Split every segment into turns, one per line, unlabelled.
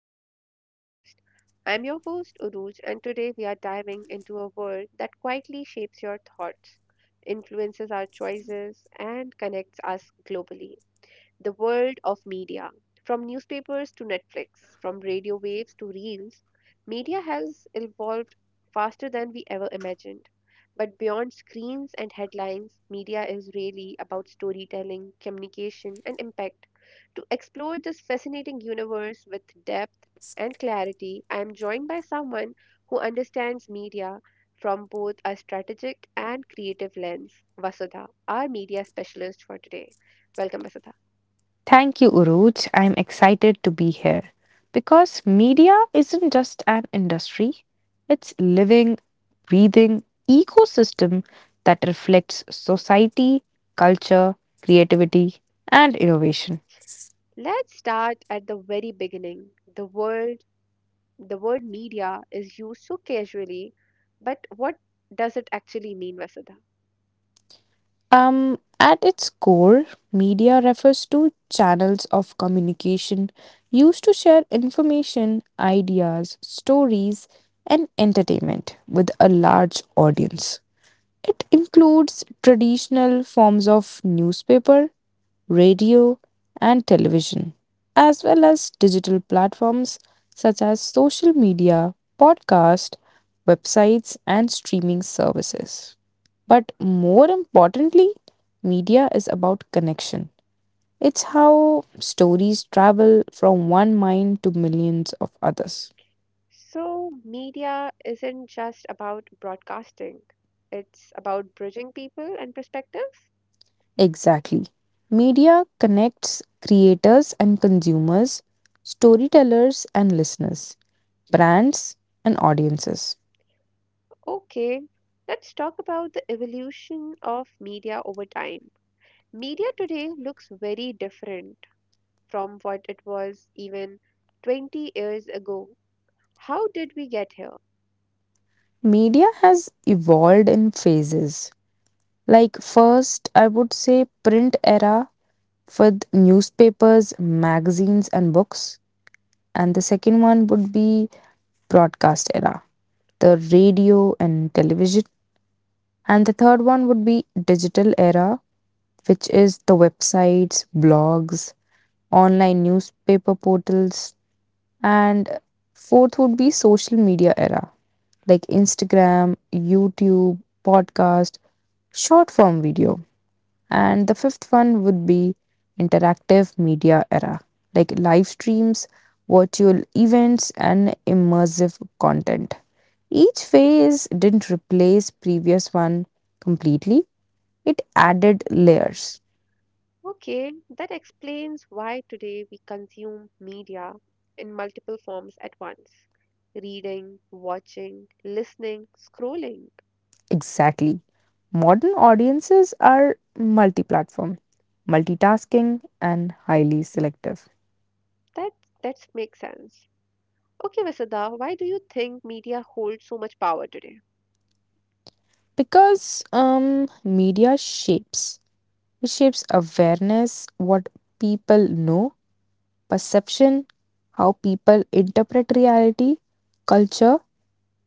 to the podcast. I'm your host, Uruj, and today we are diving into a world that quietly shapes your thoughts, influences our choices, and connects us globally the world of media. From newspapers to Netflix, from radio waves to reels, media has evolved faster than we ever imagined. But beyond screens and headlines, media is really about storytelling, communication, and impact. To explore this fascinating universe with depth and clarity, I am joined by someone who understands media from both a strategic and creative lens, Vasudha, our media specialist for today. Welcome, Vasudha.
Thank you, Uruj. I'm excited to be here because media isn't just an industry, it's living, breathing ecosystem that reflects society, culture, creativity, and innovation.
Let's start at the very beginning. The word the word media is used so casually, but what does it actually mean, Vasudha?
At its core, media refers to channels of communication used to share information, ideas, stories, and entertainment with a large audience. It includes traditional forms of newspaper, radio, and television, as well as digital platforms such as social media, podcast, websites, and streaming services. But more importantly, media is about connection. It's how stories travel from one mind to millions of others.
So, media isn't just about broadcasting. It's about bridging people and perspectives.
Exactly. Media connects creators and consumers, storytellers and listeners, brands and audiences.
Okay, let's talk about the evolution of media over time. Media today looks very different from what it was even 20 years ago. How did we get here?
Media has evolved in phases. Like, first, I would say print era with newspapers, magazines, and books. And the second one would be broadcast era, the radio and television. And the third one would be digital era, which is the websites, blogs, online newspaper portals, and fourth would be social media era like Instagram, YouTube, podcast, short form video. And the fifth one would be interactive media era like live streams, virtual events, and immersive content. Each phase didn't replace previous one completely, it added layers.
Okay, that explains why today we consume media in multiple forms at once. Reading, watching, listening, scrolling.
Exactly. Modern audiences are multi platform, multitasking, and highly selective.
That that makes sense. Okay, Vasudha, why do you think media holds so much power today?
Because media shapes, it shapes awareness, what people know, perception, how people interpret reality, culture,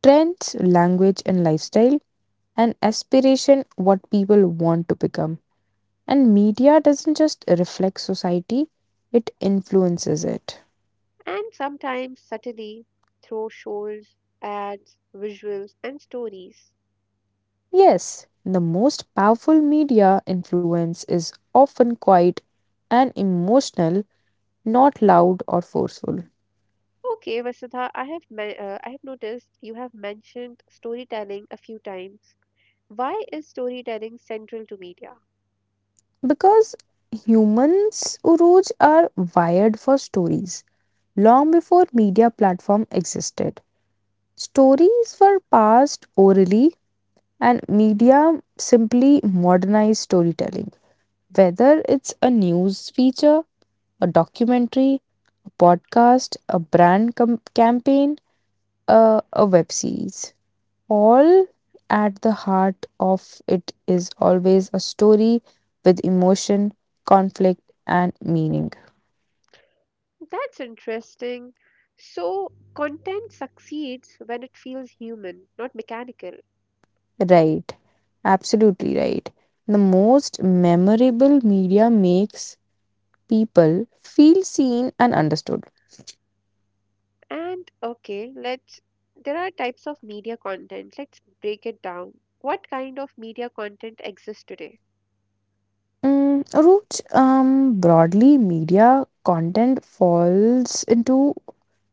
trends, language, and lifestyle, and aspiration, what people want to become. And media doesn't just reflect society, it influences it.
And sometimes subtly through shows, ads, visuals, and stories.
Yes, the most powerful media influence is often quiet and emotional, not loud or forceful.
Okay, Vasudha, I have noticed you have mentioned storytelling a few times. Why is storytelling central to media?
Because humans, Uruj, are wired for stories long before media platform existed. Stories were passed orally and media simply modernized storytelling. Whether it's a news feature, a documentary, a podcast, a campaign, a web series. All at the heart of it is always a story with emotion, conflict, and meaning.
That's interesting. So, content succeeds when it feels human, not mechanical.
Right, absolutely right. The most memorable media makes people feel seen and understood.
And okay, let's There are types of media content. Let's break it down. What kind of media content exists today?
Mm, Root, broadly, media content falls into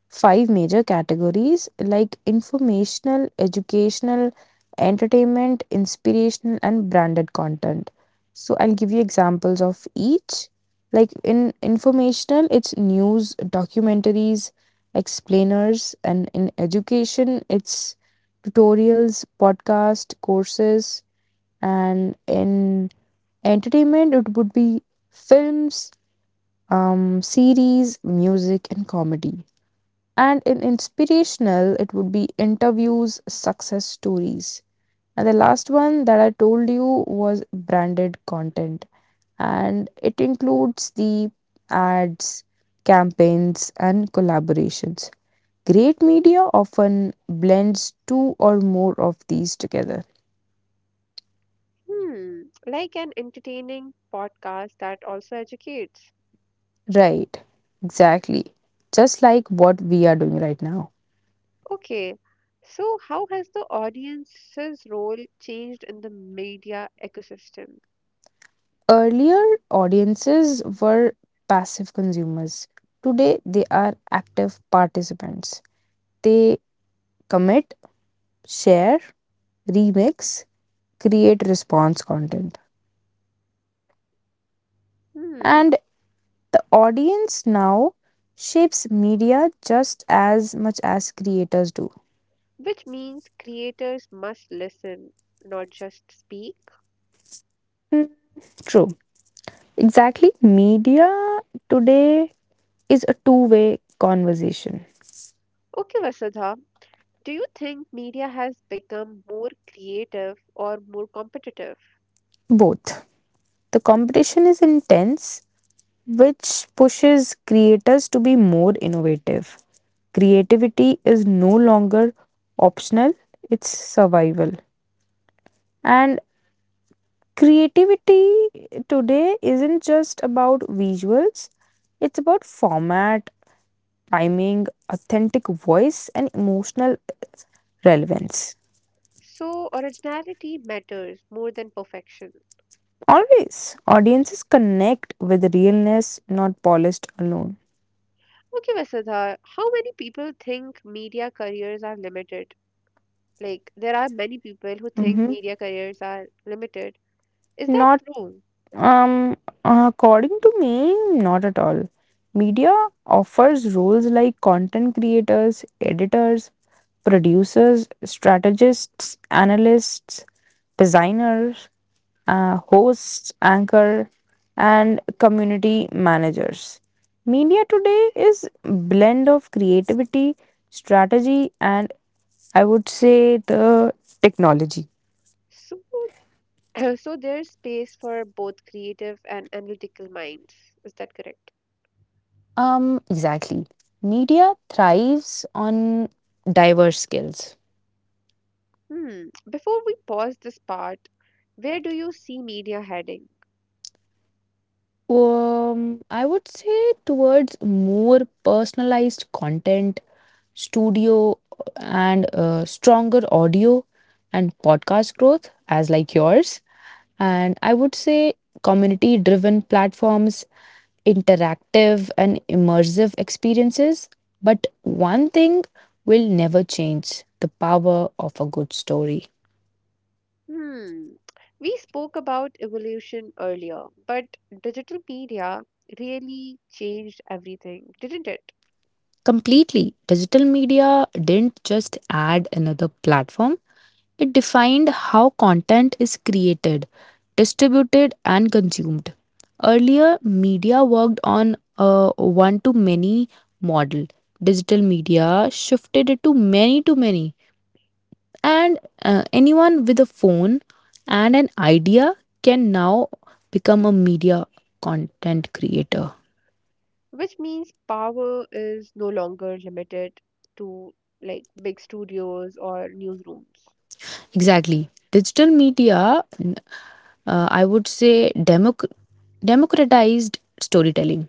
five major categories like informational, educational, entertainment, inspirational, and branded content. So I'll give you examples of each. Like in informational, it's news, documentaries, explainers, and in education, it's tutorials, podcast, courses, and in entertainment, it would be films, series, music, and comedy. And in inspirational, it would be interviews, success stories. And the last one that I told you was branded content. And it includes the ads, campaigns, and collaborations. Great media often blends two or more of these together.
Hmm, like an entertaining podcast that also educates.
Right, exactly. Just like what we are doing right now.
Okay. So, how has the audience's role changed in the media ecosystem?
Earlier, audiences were passive consumers. Today, they are active participants. They commit, share, remix, create response content.
Hmm.
And the audience now shapes media just as much as creators do.
Which means creators must listen, not just speak.
Mm, true. Exactly. Media today is a two-way conversation.
Okay, Vasudha, do you think media has become more creative or more competitive?
Both. The competition is intense, which pushes creators to be more innovative. Creativity is no longer optional, it's survival. And creativity today isn't just about visuals, it's about format, timing, authentic voice, and emotional relevance.
So, originality matters more than perfection.
Always, audiences connect with realness, not polished alone.
Okay, Vasudha, how many people think media careers are limited? Like, there are many people who think
Mhm.
media careers are limited. Is that
Not
true?
Um, according to me, not at all. Media offers roles like content creators, editors, producers, strategists, analysts, designers, hosts, anchor, and community managers. Media today is blend of creativity, strategy, and I would say the technology.
So, so there's space for both creative and analytical minds. Is that correct?
Exactly. Media thrives on diverse skills.
Hmm. Before we pause this part, where do you see media heading?
I would say towards more personalized content, studio, and stronger audio and podcast growth, as like yours. And I would say community driven platforms, interactive and immersive experiences. But one thing will never change the power of a good story.
Hmm. We spoke about evolution earlier, but digital media really changed everything, didn't it?
Completely. Digital media didn't just add another platform, it defined how content is created, distributed, and consumed. Earlier, media worked on a one to many model. Digital media shifted it to many, and anyone with a phone and an idea can now become a media content creator.
Which means power is no longer limited to like big studios or newsrooms.
Exactly. Digital media I would say democratized storytelling.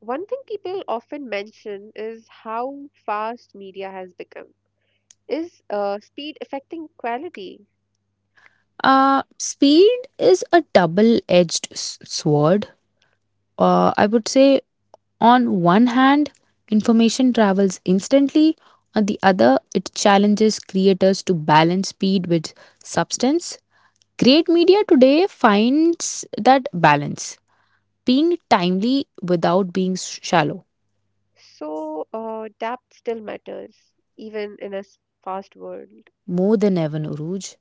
One thing people often mention is how fast media has become. Is speed affecting quality?
Speed is a double edged sword. I would say, on one hand, information travels instantly, on the other, it challenges creators to balance speed with substance. Great media today finds that balance, being timely without being shallow,
So, depth still matters, even in a fast world.
more than ever, Uruj.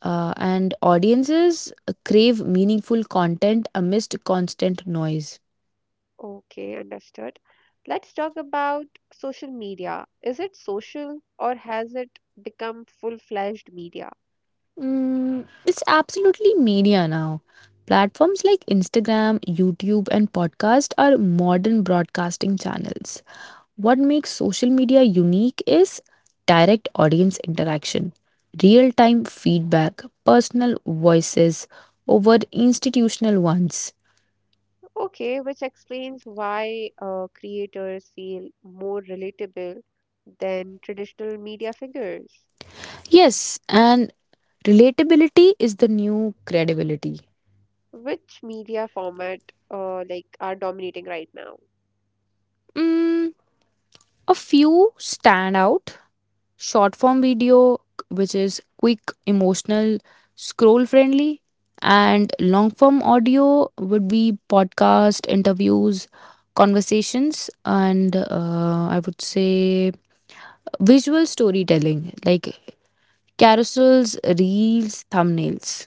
And audiences crave meaningful content amidst constant noise.
Okay, understood. Let's talk about social media. Is it social or has it become full-fledged media?
Mm, it's absolutely media now. Platforms like Instagram, YouTube, and podcast are modern broadcasting channels. What makes social media unique is direct audience interaction, real time feedback, personal voices over institutional ones.
Okay, which explains why creators feel more relatable than traditional media figures.
Yes, and relatability is the new credibility.
Which media format are dominating right now?
Mm, a few standout short form video, which is quick, emotional, scroll friendly, and long form audio would be podcast, interviews, conversations, and I would say visual storytelling like carousels, reels, thumbnails.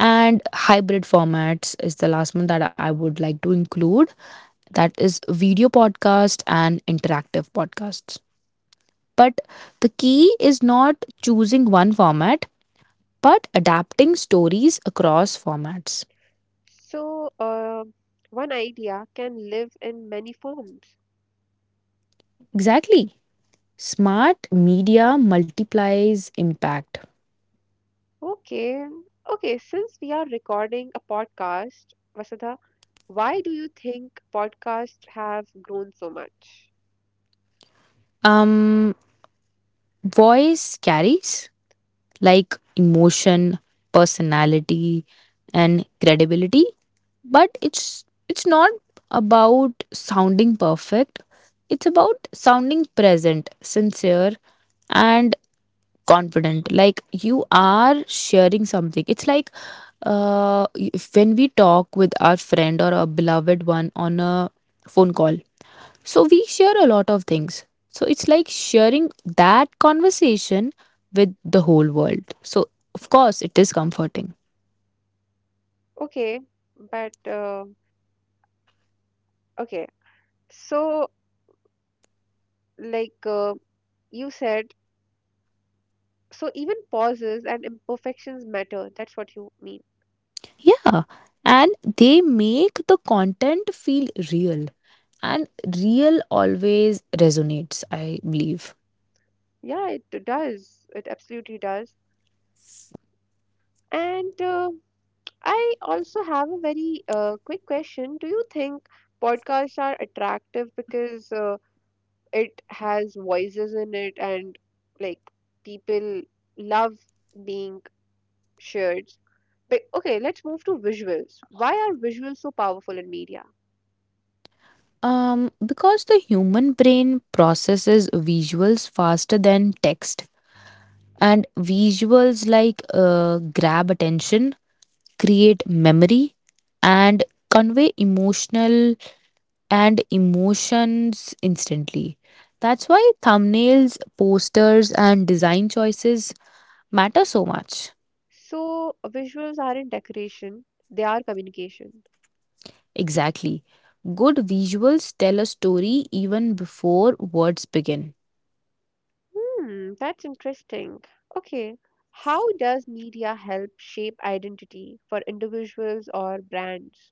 And hybrid formats is the last one that I would like to include. That is video podcast and interactive podcasts. But the key is not choosing one format, but adapting stories across formats.
So, one idea can live in many forms.
Exactly. Smart media multiplies impact.
Okay. Okay, since we are recording a podcast, Vasudha, why do you think podcasts have grown so much?
Um, Voice carries like emotion, personality, and credibility, but it's not about sounding perfect. It's about sounding present, sincere, and confident like you are sharing something. It's like when we talk with our friend or a beloved one on a phone call, so we share a lot of things, so it's like sharing that conversation with the whole world. So of course it is comforting.
Okay, but okay. So, like you said, so even pauses and imperfections matter. That's what you mean.
Yeah, and they make the content feel real, and real always resonates, I believe.
Yeah, it does. It absolutely does. And I also have a very quick question. Do you think podcasts are attractive because it has voices in it and like people love being shared. But okay, let's move to visuals. Why are visuals so powerful in media?
Because the human brain processes visuals faster than text, and visuals like grab attention, create memory, and convey emotional and emotions instantly. That's why thumbnails, posters, and design choices matter so much.
So visuals aren't decoration, they are communication.
Exactly. Good visuals tell a story even before words begin.
Hmm, that's interesting. Okay. How does media help shape identity for individuals or brands?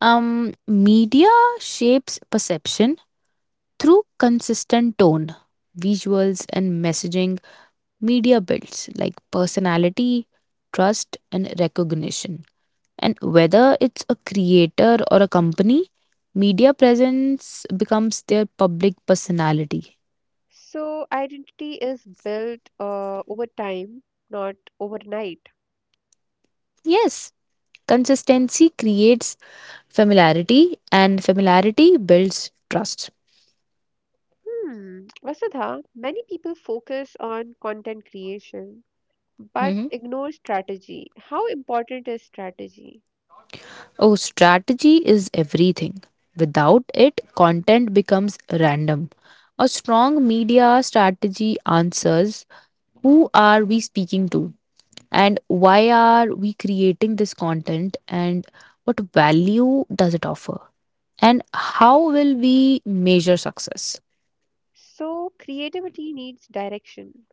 Media shapes perception through consistent tone, visuals, and messaging. Media builds like personality, trust, and recognition. And whether it's a creator or a company, media presence becomes their public personality.
So, identity is built over time, not overnight.
Yes, consistency creates familiarity, and familiarity builds trust.
Hmm, Vasudha, many people focus on content creation but
Mhm.
ignore strategy. How important is strategy?
Oh, strategy is everything. Without it, content becomes random. A strong media strategy answers who are we speaking to, and why are we creating this content, and what value does it offer, and how will we measure success?
So, creativity needs direction.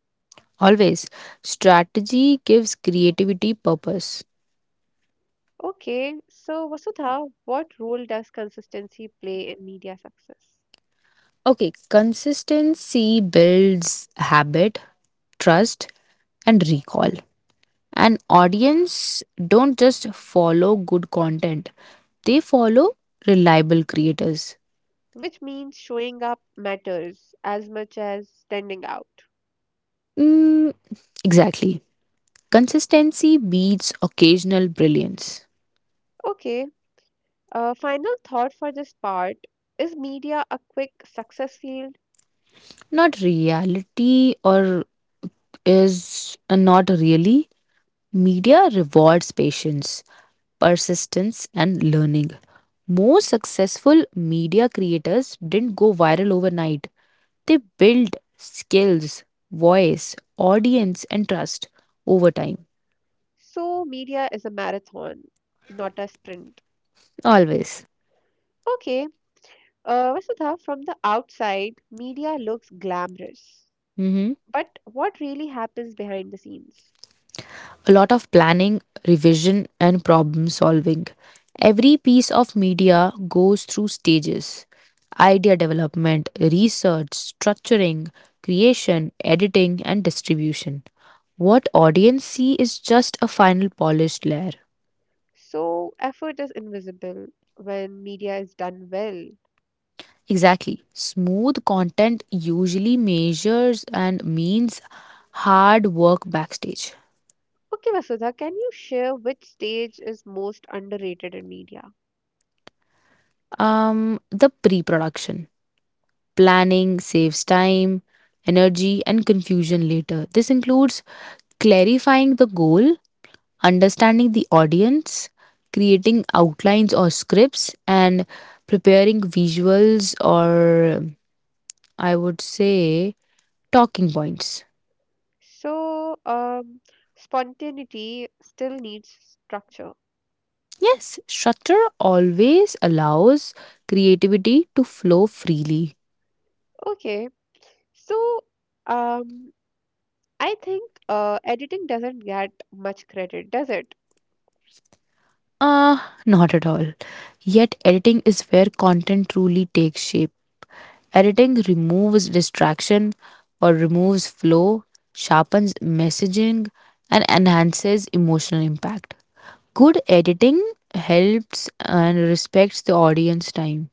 Always, strategy gives creativity purpose.
Okay, so Vasudha, what role does consistency play in media success?
Okay, consistency builds habit, trust, and recall. An audience don't just follow good content, they follow reliable creators.
Which means showing up matters as much as standing out.
Mm, exactly, consistency beats occasional brilliance.
Okay, final thought for this part is media a quick success field?
Not reality, or is, not really. Media rewards patience, persistence, and learning. Most successful media creators didn't go viral overnight, they built skills, voice, audience, and trust over time.
So, media is a marathon, not a sprint.
Always.
Okay, Vasudha, from the outside, media looks glamorous.
Mm-hmm.
But what really happens behind the scenes?
A lot of planning, revision, and problem solving. Every piece of media goes through stages: idea development, research, structuring, creation, editing, and distribution. What audience see is just a final polished layer.
So, effort is invisible when media is done well.
Exactly. Smooth content usually measures and means hard work backstage.
Okay, Vasudha, can you share which stage is most underrated in media?
The pre production. Planning saves time, energy, and confusion later. This includes clarifying the goal, understanding the audience, creating outlines or scripts, and preparing visuals or, I would say, talking points.
So, spontaneity still needs structure.
Yes, structure always allows creativity to flow freely.
Okay, so um, I think editing doesn't get much credit, does it?
Uh, Not at all. Yet, editing is where content truly takes shape. Editing removes distraction or removes flow, sharpens messaging, and enhances emotional impact. Good editing helps and respects the audience time.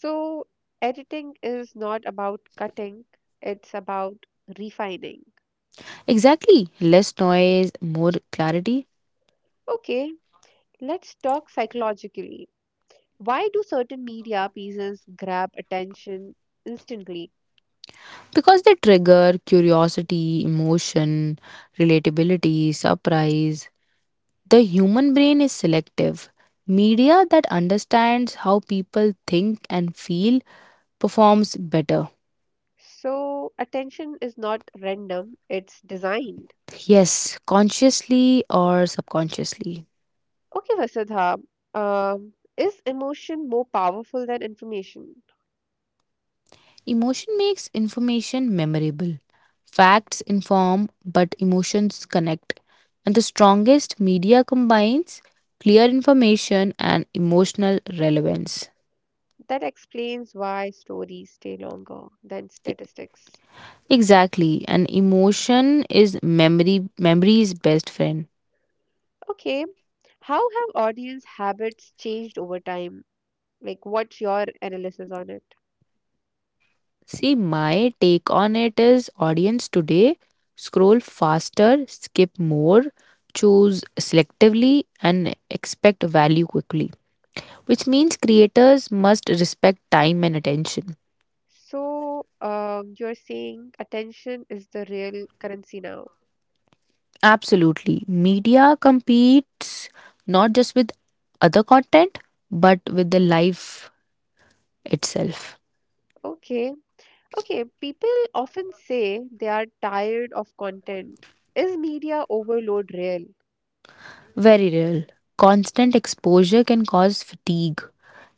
So, editing is not about cutting, it's about refining.
Exactly, less noise, more clarity.
Okay, let's talk psychologically. Why do certain media pieces grab attention instantly?
Because they trigger curiosity, emotion, relatability, surprise. The human brain is selective. Media that understands how people think and feel performs better.
So, attention is not random, it's designed.
Yes, consciously or subconsciously.
Okay, Vasudha, is emotion more powerful than information?
Emotion makes information memorable. Facts inform, but emotions connect. And the strongest media combines clear information and emotional relevance.
That explains why stories stay longer than statistics.
Exactly. An emotion is memory memory's best friend.
Okay, how have audience habits changed over time? Like, what's your analysis on it?
See, my take on it is audience today scroll faster, skip more, choose selectively, and expect value quickly, which means creators must respect time and attention.
So, you're saying attention is the real currency now.
Absolutely. Media competes not just with other content, but with the life itself.
Okay. Okay. People often say they are tired of content. Is media overload real?
Very real. Constant exposure can cause fatigue.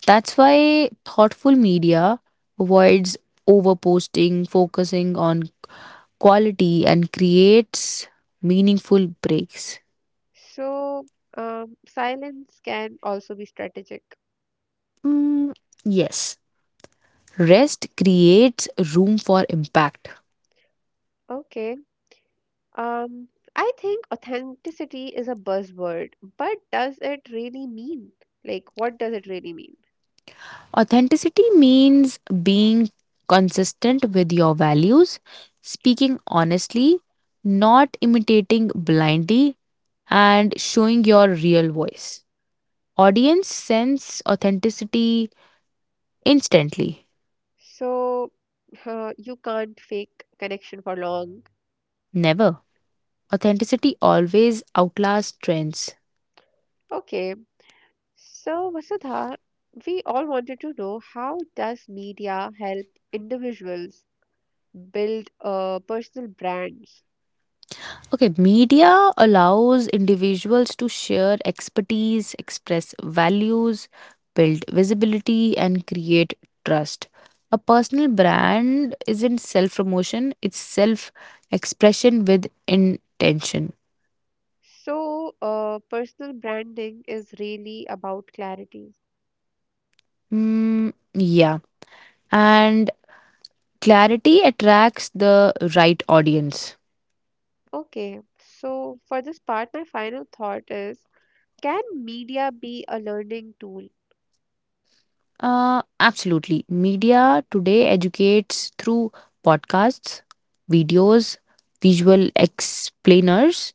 That's why thoughtful media avoids overposting, focusing on quality, and creates meaningful breaks.
So, silence can also be strategic.
Mm, yes, rest creates room for impact.
Okay. Um, I think authenticity is a buzzword, but does it really mean? Like, what does it really mean?
Authenticity means being consistent with your values, speaking honestly, not imitating blindly, and showing your real voice. Audience sense authenticity instantly.
So, you can't fake connection for long.
Never. Authenticity always outlasts trends.
Okay. So, Vasudha, we all wanted to know how does media help individuals build personal brands?
Okay, media allows individuals to share expertise, express values, build visibility, and create trust. A personal brand isn't self promotion, it's self expression with intention.
So, personal branding is really about clarity.
Hmm, yeah. And clarity attracts the right audience.
Okay. So, for this part, my final thought is, can media be a learning tool?
Absolutely. Media today educates through podcasts, videos, visual explainers,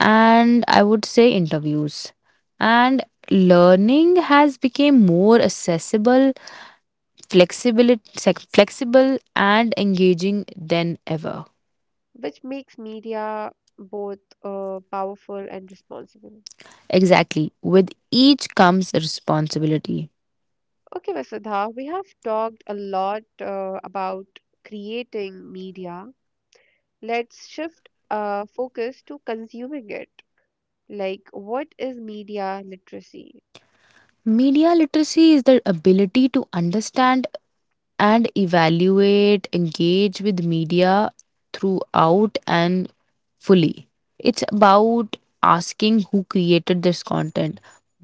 and I would say interviews. And learning has become more accessible, flexible and engaging than ever.
Which makes media both powerful and responsible.
Exactly. With each comes responsibility.
Okay, Vasudha, we have talked a lot about creating media. Let's shift focus to consuming it. Like, what is media literacy?
Media literacy is the ability to understand and evaluate, engage with media throughout and fully. It's about asking who created this content,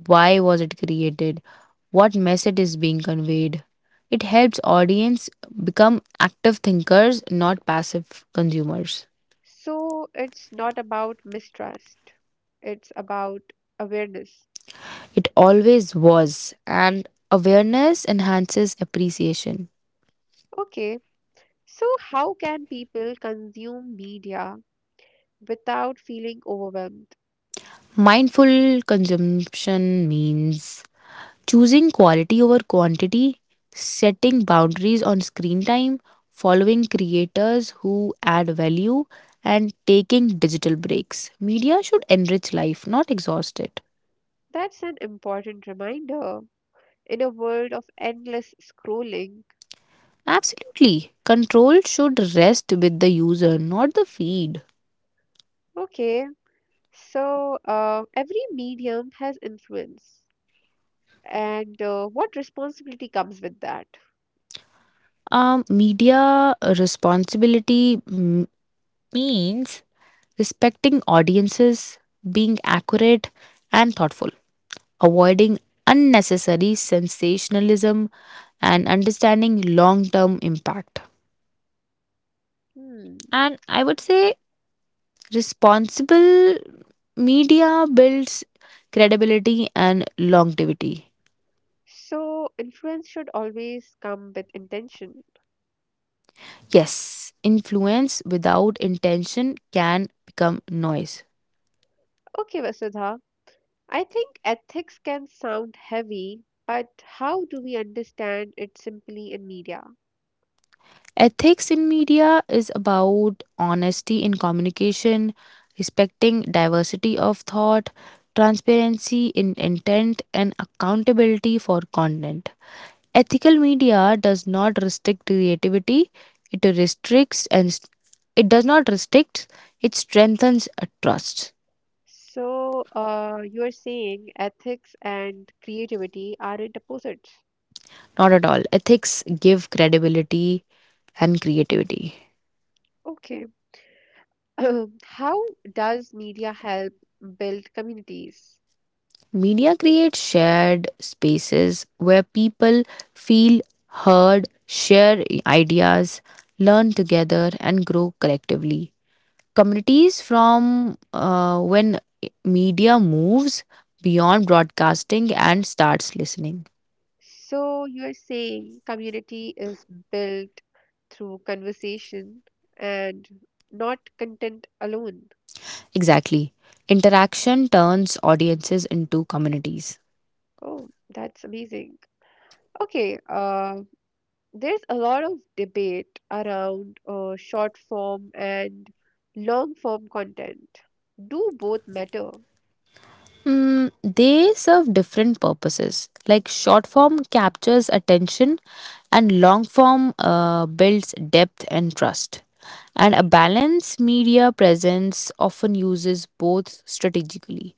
why was it created, what message is being conveyed. It helps audience become active thinkers, not passive consumers.
So, it's not about mistrust, it's about awareness.
It always was, and awareness enhances appreciation.
Okay, so how can people consume media without feeling overwhelmed?
Mindful consumption means choosing quality over quantity, setting boundaries on screen time, following creators who add value, and taking digital breaks. Media should enrich life, not exhaust it.
That's an important reminder in a world of endless scrolling.
Absolutely. Control should rest with the user, not the feed.
Okay, so every medium has influence, and what responsibility comes with that?
Media responsibility means respecting audiences, being accurate and thoughtful, avoiding unnecessary sensationalism, and understanding long term impact.
Hmm.
And I would say responsible media builds credibility and longevity.
So influence should always come with intention.
Yes, influence without intention can become noise.
Okay, Vasudha, I think ethics can sound heavy, but how do we understand it simply in media?
Ethics in media is about honesty in communication, respecting diversity of thought, transparency in intent, and accountability for content. Ethical media does not restrict creativity, it it does not restrict, it strengthens a trust.
So you are saying ethics and creativity aren't opposites.
Not at all. Ethics give credibility and creativity.
Okay. How does media help build communities?
Media creates shared spaces where people feel heard, share ideas, learn together, and grow collectively. Communities from when media moves beyond broadcasting and starts listening.
So you are saying community is built through conversation and not content alone.
Exactly. Interaction turns audiences into communities.
Oh, that's amazing. Okay, there's a lot of debate around short form and long form content. Do both matter?
Mm, they serve different purposes. Like short form captures attention, and long form builds depth and trust. And a balanced media presence often uses both strategically.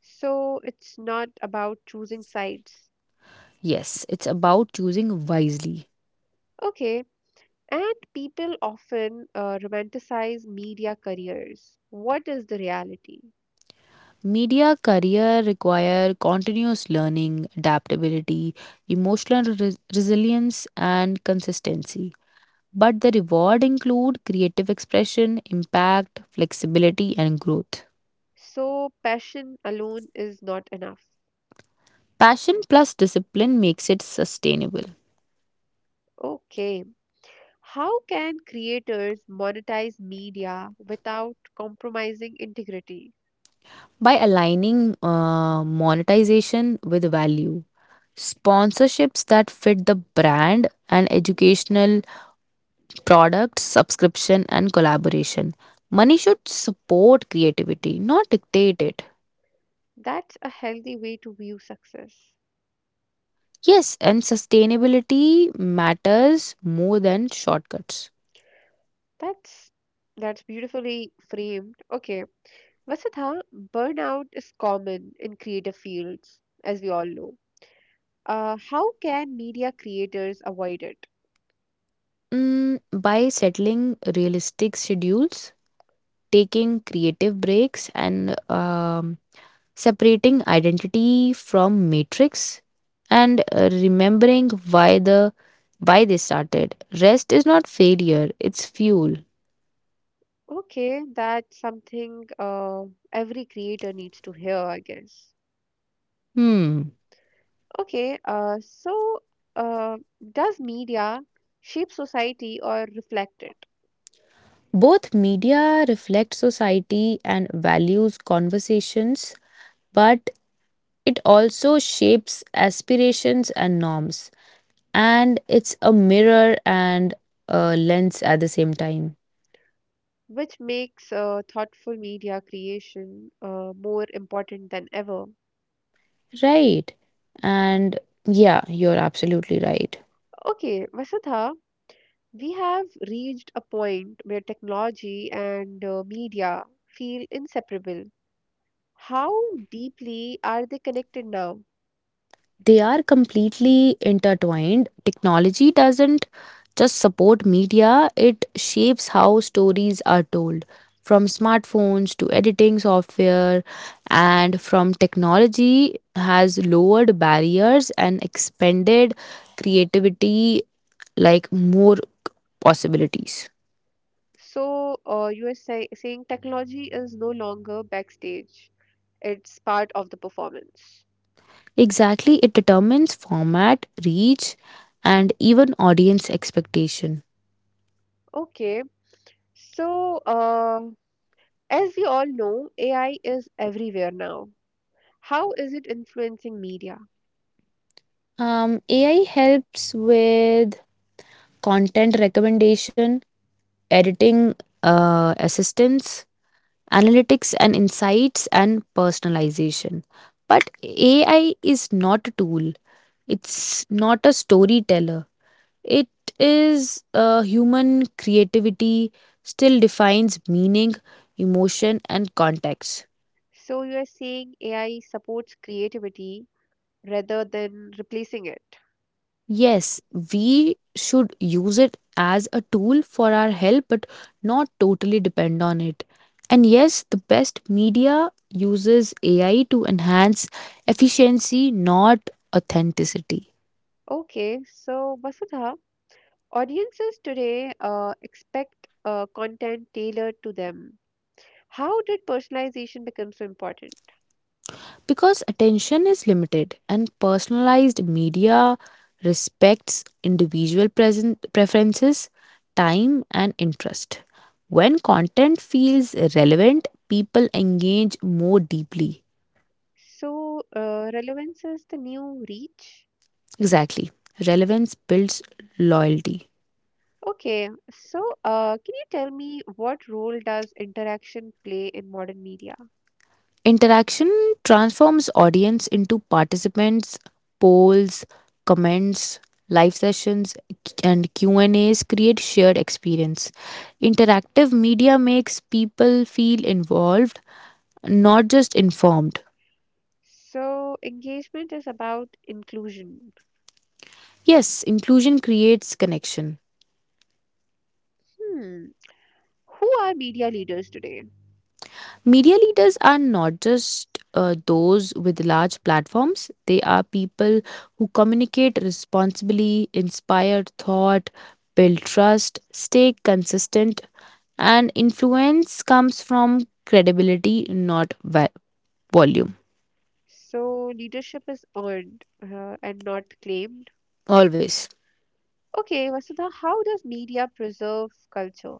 So it's not about choosing sides.
Yes, it's about choosing wisely.
Okay, and people often romanticize media careers. What is the reality?
Media career require continuous learning, adaptability, emotional resilience, and consistency. But the reward include creative expression, impact, flexibility and growth.
So, passion alone is not enough.
Passion plus discipline makes it sustainable
Okay, how can creators monetize media without compromising integrity?
by aligning monetization with value. Sponsorships that fit the brand and educational products, subscription, and collaboration. Money should support creativity, not dictate it.
That's a healthy way to view success.
Yes, and sustainability matters more than shortcuts.
That's that's beautifully framed. Okay, Vasudha, burnout is common in creative fields, as we all know. How can media creators avoid it?
Mm, by settling realistic schedules, taking creative breaks, and um, separating identity from matrix, and remembering why the why they started. Rest is not failure; it's fuel.
Okay, that's something every creator needs to hear, I guess.
Hmm.
Okay, uh, does media shape society or reflect it,
Both media reflect society and values conversations, but it also shapes aspirations and norms. And it's a mirror and a lens at the same time.
which makes thoughtful media creation more important than ever?
Right. And yeah, you're absolutely right.
Okay, Vasudha, we have reached a point where technology and media feel inseparable. How deeply are they connected now?
They are completely intertwined. Technology doesn't just support media, it shapes how stories are told. From smartphones to editing software, and from technology has lowered barriers and expanded creativity like more possibilities.
So, saying technology is no longer backstage, it's part of the performance.
Exactly, it determines format, reach, and even audience expectation.
Okay, so as we all know, AI is everywhere now. How is it influencing media?
AI helps with content recommendation, editing assistance, analytics and insights, and personalization. But AI is not a tool, it's not a storyteller. It is human creativity, still defines meaning, emotion, and context.
So, you are saying AI supports creativity rather than replacing it.
Yes, we should use it as a tool for our help, but not totally depend on it. And yes, the best media uses AI to enhance efficiency, not authenticity.
Okay, so Vasudha, audiences today expect content tailored to them. How did personalization become so important?
Because attention is limited, and personalized media respects individual present preferences, time, and interest. When content feels relevant, people engage more deeply.
So, relevance is the new reach.
Exactly. Relevance builds loyalty.
Okay, so can you tell me what role does interaction play in modern media?
Interaction transforms audience into participants, polls, comments, live sessions and Q&As create shared experience. Interactive media makes people feel involved, not just informed.
So, engagement is about inclusion.
Yes, inclusion creates connection.
Hmm, who are media leaders today?
Media leaders are not just those with large platforms, they are people who communicate responsibly, inspire thought, build trust, stay consistent, and influence comes from credibility, not va- volume.
So, leadership is earned and not claimed.
Always.
Okay, Vasudha, how does media preserve culture?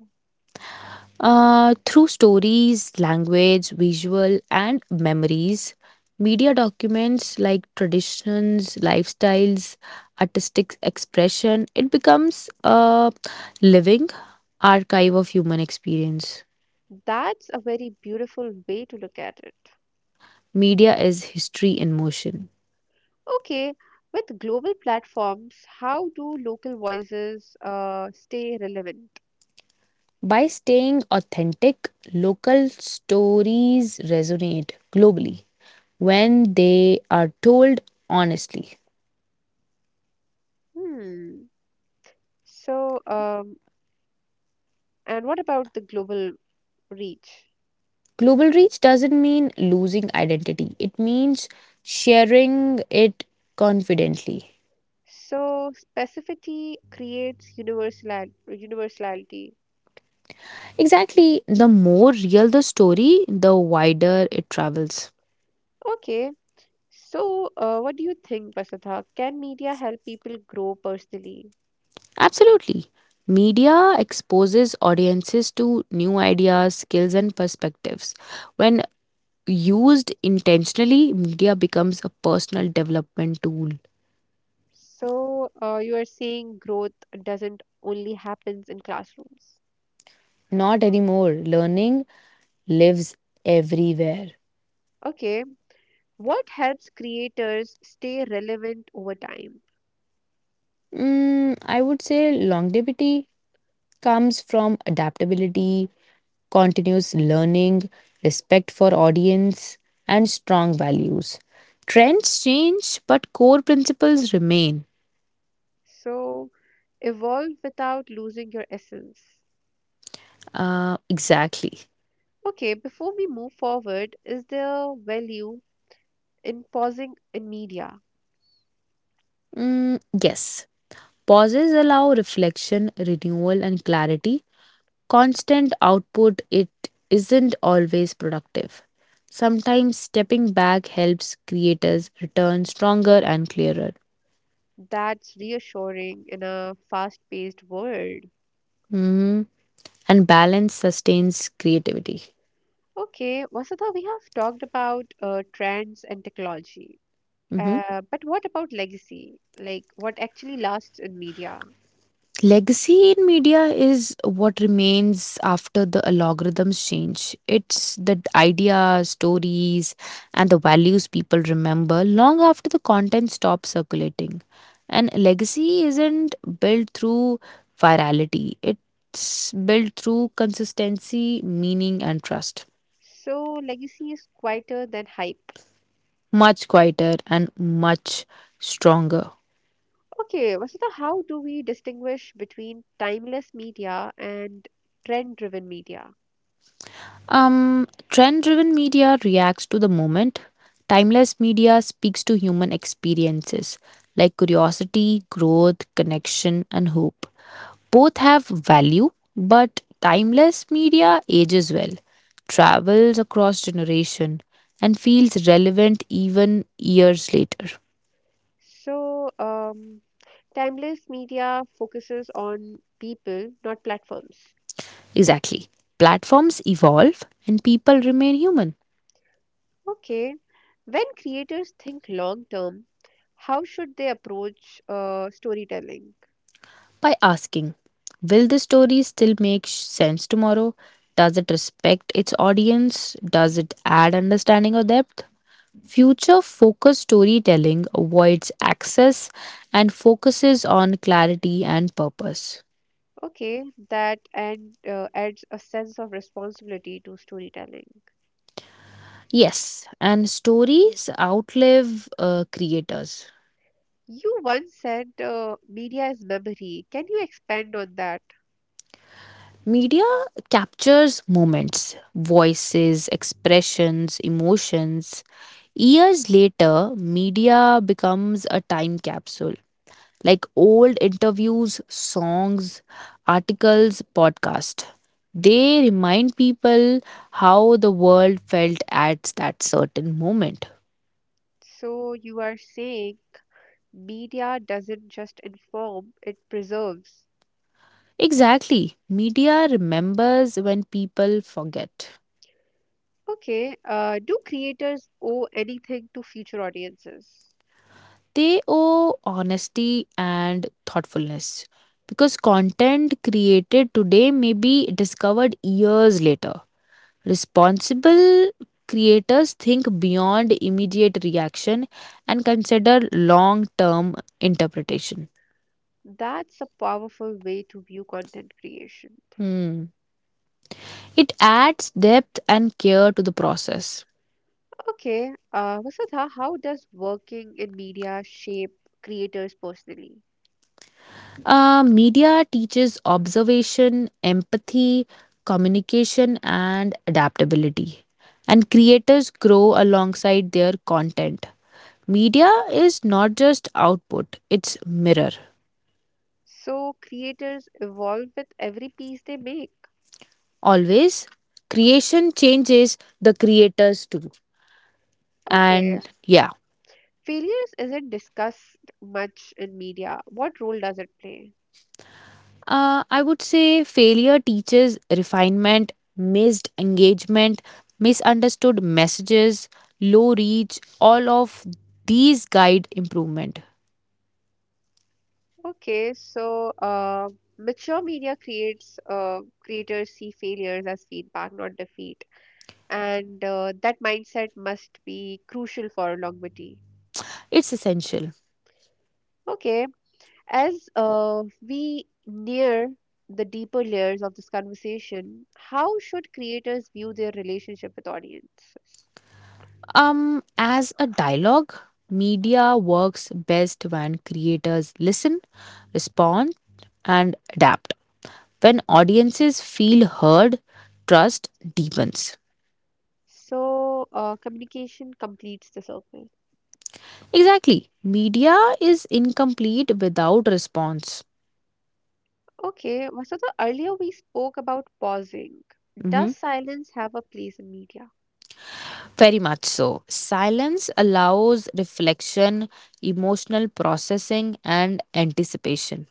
Through stories, language, visual, and memories, media documents like traditions, lifestyles, artistic expression, it becomes a living archive of human experience.
That's a very beautiful way to look at it.
Media is history in motion.
Okay, with global platforms, how do local voices stay relevant?
By staying authentic, local stories resonate globally when they are told honestly.
Hmm. So, and what about the global reach?
Global reach doesn't mean losing identity, it means sharing it confidently.
So, specificity creates universality.
Exactly. The more real the story, the wider it travels.
Okay. So, what do you think, Vasudha? Can media help people grow personally?
Absolutely. Media exposes audiences to new ideas, skills, and perspectives. When used intentionally, media becomes a personal development tool.
So, you are saying growth doesn't only happens in classrooms.
Not anymore. Learning lives everywhere.
Okay, what helps creators stay relevant over time?
Mm, I would say longevity comes from adaptability, continuous learning, respect for audience, and strong values. Trends change, but core principles remain.
So, evolve without losing your essence.
Exactly.
Okay, before we move forward, is there value in pausing in media?
Mm, yes. Pauses allow reflection, renewal, and clarity. Constant output, it isn't always productive. Sometimes stepping back helps creators return stronger and clearer.
That's reassuring in a fast-paced world.
Mhm. And balance sustains creativity.
Okay, Vasudha, we have talked about trends and technology.
Mhm.
But what about legacy? Like what actually lasts in media?
Legacy in media is what remains after the algorithms change. It's the ideas, stories, and the values people remember long after the content stops circulating. And legacy isn't built through virality, it's built through consistency, meaning, and trust.
So legacy is quieter than hype.
Much quieter and much stronger.
Okay, Vasudha, how do we distinguish between timeless media and trend-driven media?
Trend driven media reacts to the moment. Timeless media speaks to human experiences like curiosity, growth, connection, and hope. Both have value, but timeless media ages well, travels across generation, and feels relevant even years later.
So, timeless media focuses on people, not platforms.
Exactly. Platforms evolve and people remain human.
Okay, when creators think long term, how should they approach storytelling?
By asking, will the story still make sense tomorrow? Does it respect its audience? Does it add understanding or depth? Future focused storytelling avoids excess and focuses on clarity and purpose.
Okay, that and adds a sense of responsibility to storytelling.
Yes, and stories outlive creators.
You once said media is memory. Can you expand on that?
Media captures moments, voices, expressions, emotions. Years later, media becomes a time capsule like old interviews, songs, articles, podcasts. They remind people how the world felt at that certain moment.
So you are saying media doesn't just inform, it preserves.
Exactly. Media remembers when people forget.
Okay, do creators owe anything to future audiences?
They owe honesty and thoughtfulness because content created today may be discovered years later. Responsible creators think beyond immediate reaction and consider long term interpretation.
That's a powerful way to view content creation.
Hmm. It adds depth and care to the process.
Okay, Vasudha, how does working in media shape creators personally?
Media teaches observation, empathy, communication, and adaptability. And creators grow alongside their content. Media is not just output, it's mirror.
So creators evolve with every piece they make.
Always, creation changes the creators too.
Okay.
And yeah,
Failures isn't discussed much in media. What role does it play?
I would say failure teaches refinement, missed engagement, misunderstood messages, low reach, all of these guide improvement.
Okay, so mature media creates creators see failures as feedback, not defeat, and that mindset must be crucial for longevity.
It's essential.
Okay, as we near the deeper layers of this conversation, how should creators view their relationship with audiences?
As a dialogue, media works best when creators listen, respond, and adapt. When audiences feel heard, trust deepens.
So, communication completes the circle.
Exactly. Media is incomplete without response.
Okay, well, so the earlier we spoke about pausing. Does
Hmm.
silence have a place in media?
Very much so. Silence allows reflection, emotional processing, and anticipation.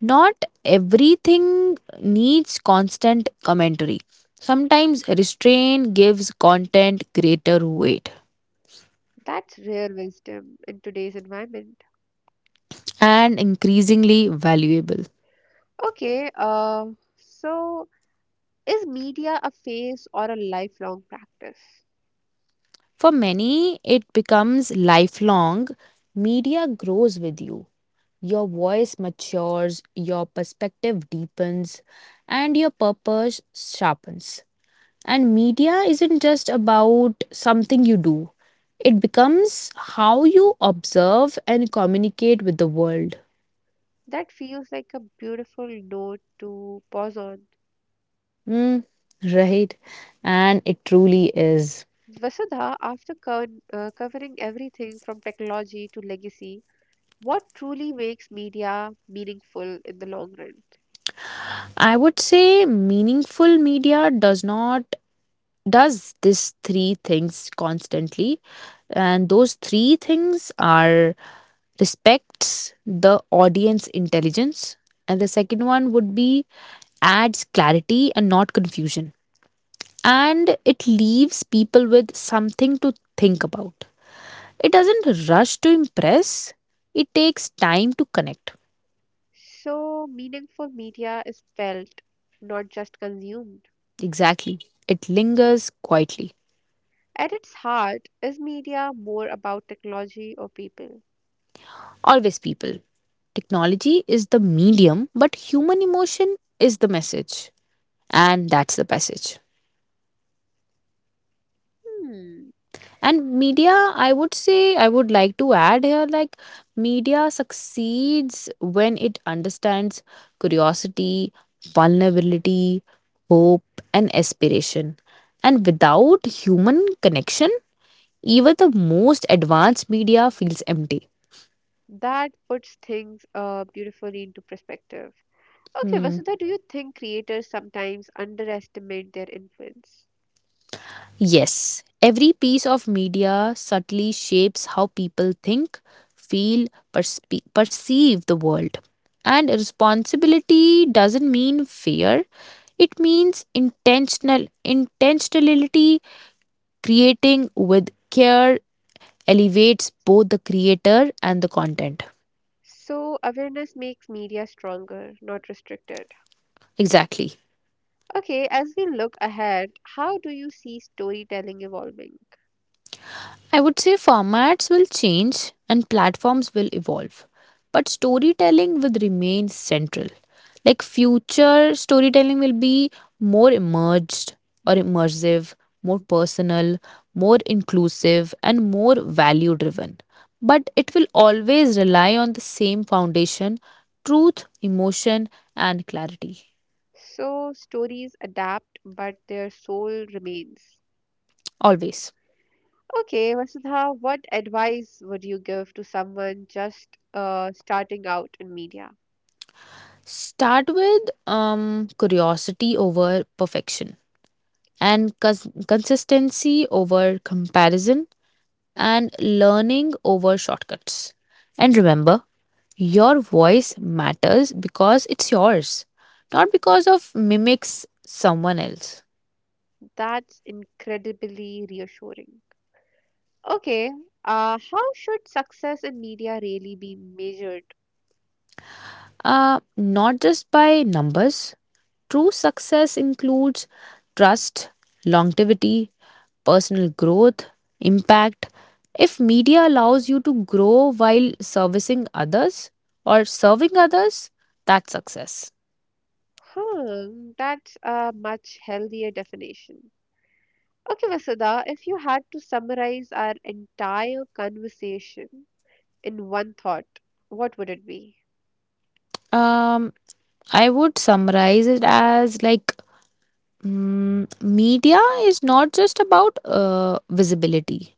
Not everything needs constant commentary. Sometimes restraint gives content greater weight
That's rare wisdom in today's environment.
and increasingly valuable.
Okay, so is media a phase or a lifelong practice?
For many, it becomes lifelong. Media grows with you. Your voice matures, your perspective deepens, and your purpose sharpens. And media isn't just about something you do, it becomes how you observe and communicate with the world.
That feels like a beautiful note to pause on.
Mm, right. And it truly is.
Vasudha, after covering everything from technology to legacy, what truly makes media meaningful in the long run?
I would say meaningful media does not does these three things constantly, and those three things are, respects the audience intelligence, and the second one would be, adds clarity and not confusion, and it leaves people with something to think about. It doesn't rush to impress, it takes time to connect.
So, meaningful media is felt, not just consumed.
Exactly. It lingers quietly.
At its heart, is media more about technology or people?
Always, people. Technology is the medium, but human emotion is the message. And that's the passage.
Hmm,
And media, I would say, I would like to add here like, media succeeds when it understands curiosity, vulnerability, hope, and aspiration. And without human connection, even the most advanced media feels empty.
that puts things beautifully into perspective. Okay,
Hmm.
Vasudha, do you think creators sometimes underestimate their influence?
Yes, every piece of media subtly shapes how people think, feel, perceive the world. And responsibility doesn't mean fear, it means intentionality, creating with care elevates both the creator and the content.
So, awareness makes media stronger, not restricted.
Exactly.
Okay, as we look ahead, how do you see storytelling evolving?
I would say formats will change and platforms will evolve, but storytelling will remain central. Like future storytelling will be more emerged or immersive, more personal, more inclusive, and more value driven. But it will always rely on the same foundation, truth, emotion, and clarity.
So, stories adapt, but their soul remains.
Always.
Okay, Vasudha, what advice would you give to someone just starting out in media?
Start with curiosity over perfection, and consistency over comparison, and learning over shortcuts. And remember, your voice matters because it's yours, not because of mimics someone else.
That's incredibly reassuring. Okay, how should success in media really be measured?
Not just by numbers. True success includes trust, longevity, personal growth, impact. If media allows you to grow while servicing others or serving others, that's success.
Hmm, that's a much healthier definition. Okay, Vasudha, if you had to summarize our entire conversation in one thought, what would it be?
Um, I would summarize it as like mm, media is not just about visibility,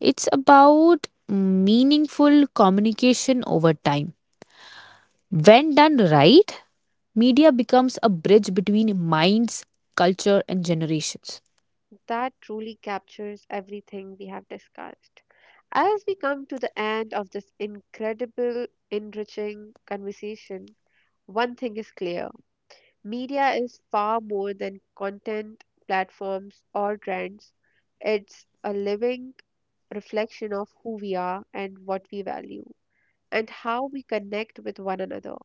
it's about meaningful communication over time. When done right, media becomes a bridge between minds, culture, and generations.
That truly captures everything we have discussed. As we come to the end of this incredible, enriching conversation, one thing is clear media is far more than content, platforms, or trends. It's a living reflection of who we are and what we value, and how we connect with one another.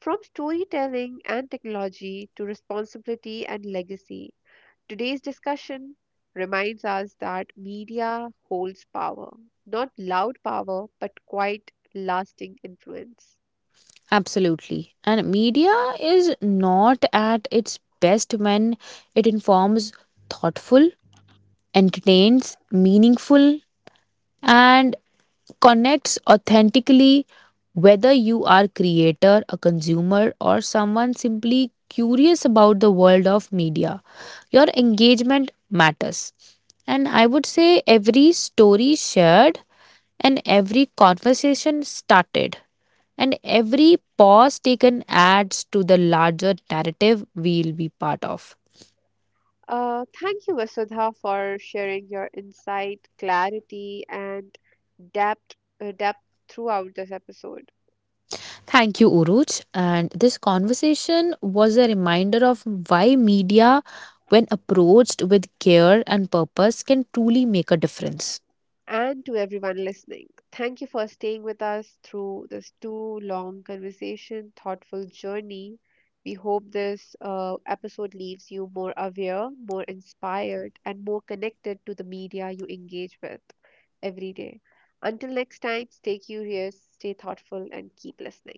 From storytelling and technology to responsibility and legacy, today's discussion reminds us that media holds power, not loud power, but quite lasting influence.
Absolutely. And media is not at its best when it informs thoughtful, entertains, meaningful, and connects authentically. Whether you are creator a consumer or someone simply curious about the world of media, your engagement matters, and I would say every story shared, and every conversation started, and every pause taken adds to the larger narrative we'll be part of.
Thank you, Vasudha, for sharing your insight, clarity, and depth, depth throughout this episode.
Thank you, Uruj. And this conversation was a reminder of why media, when approached with care and purpose, can truly make a difference.
And to everyone listening. Thank you for staying with us through this too long conversation, thoughtful journey. We hope this episode leaves you more aware, more inspired, and more connected to the media you engage with every day. Until next time, stay curious, stay thoughtful, and keep listening.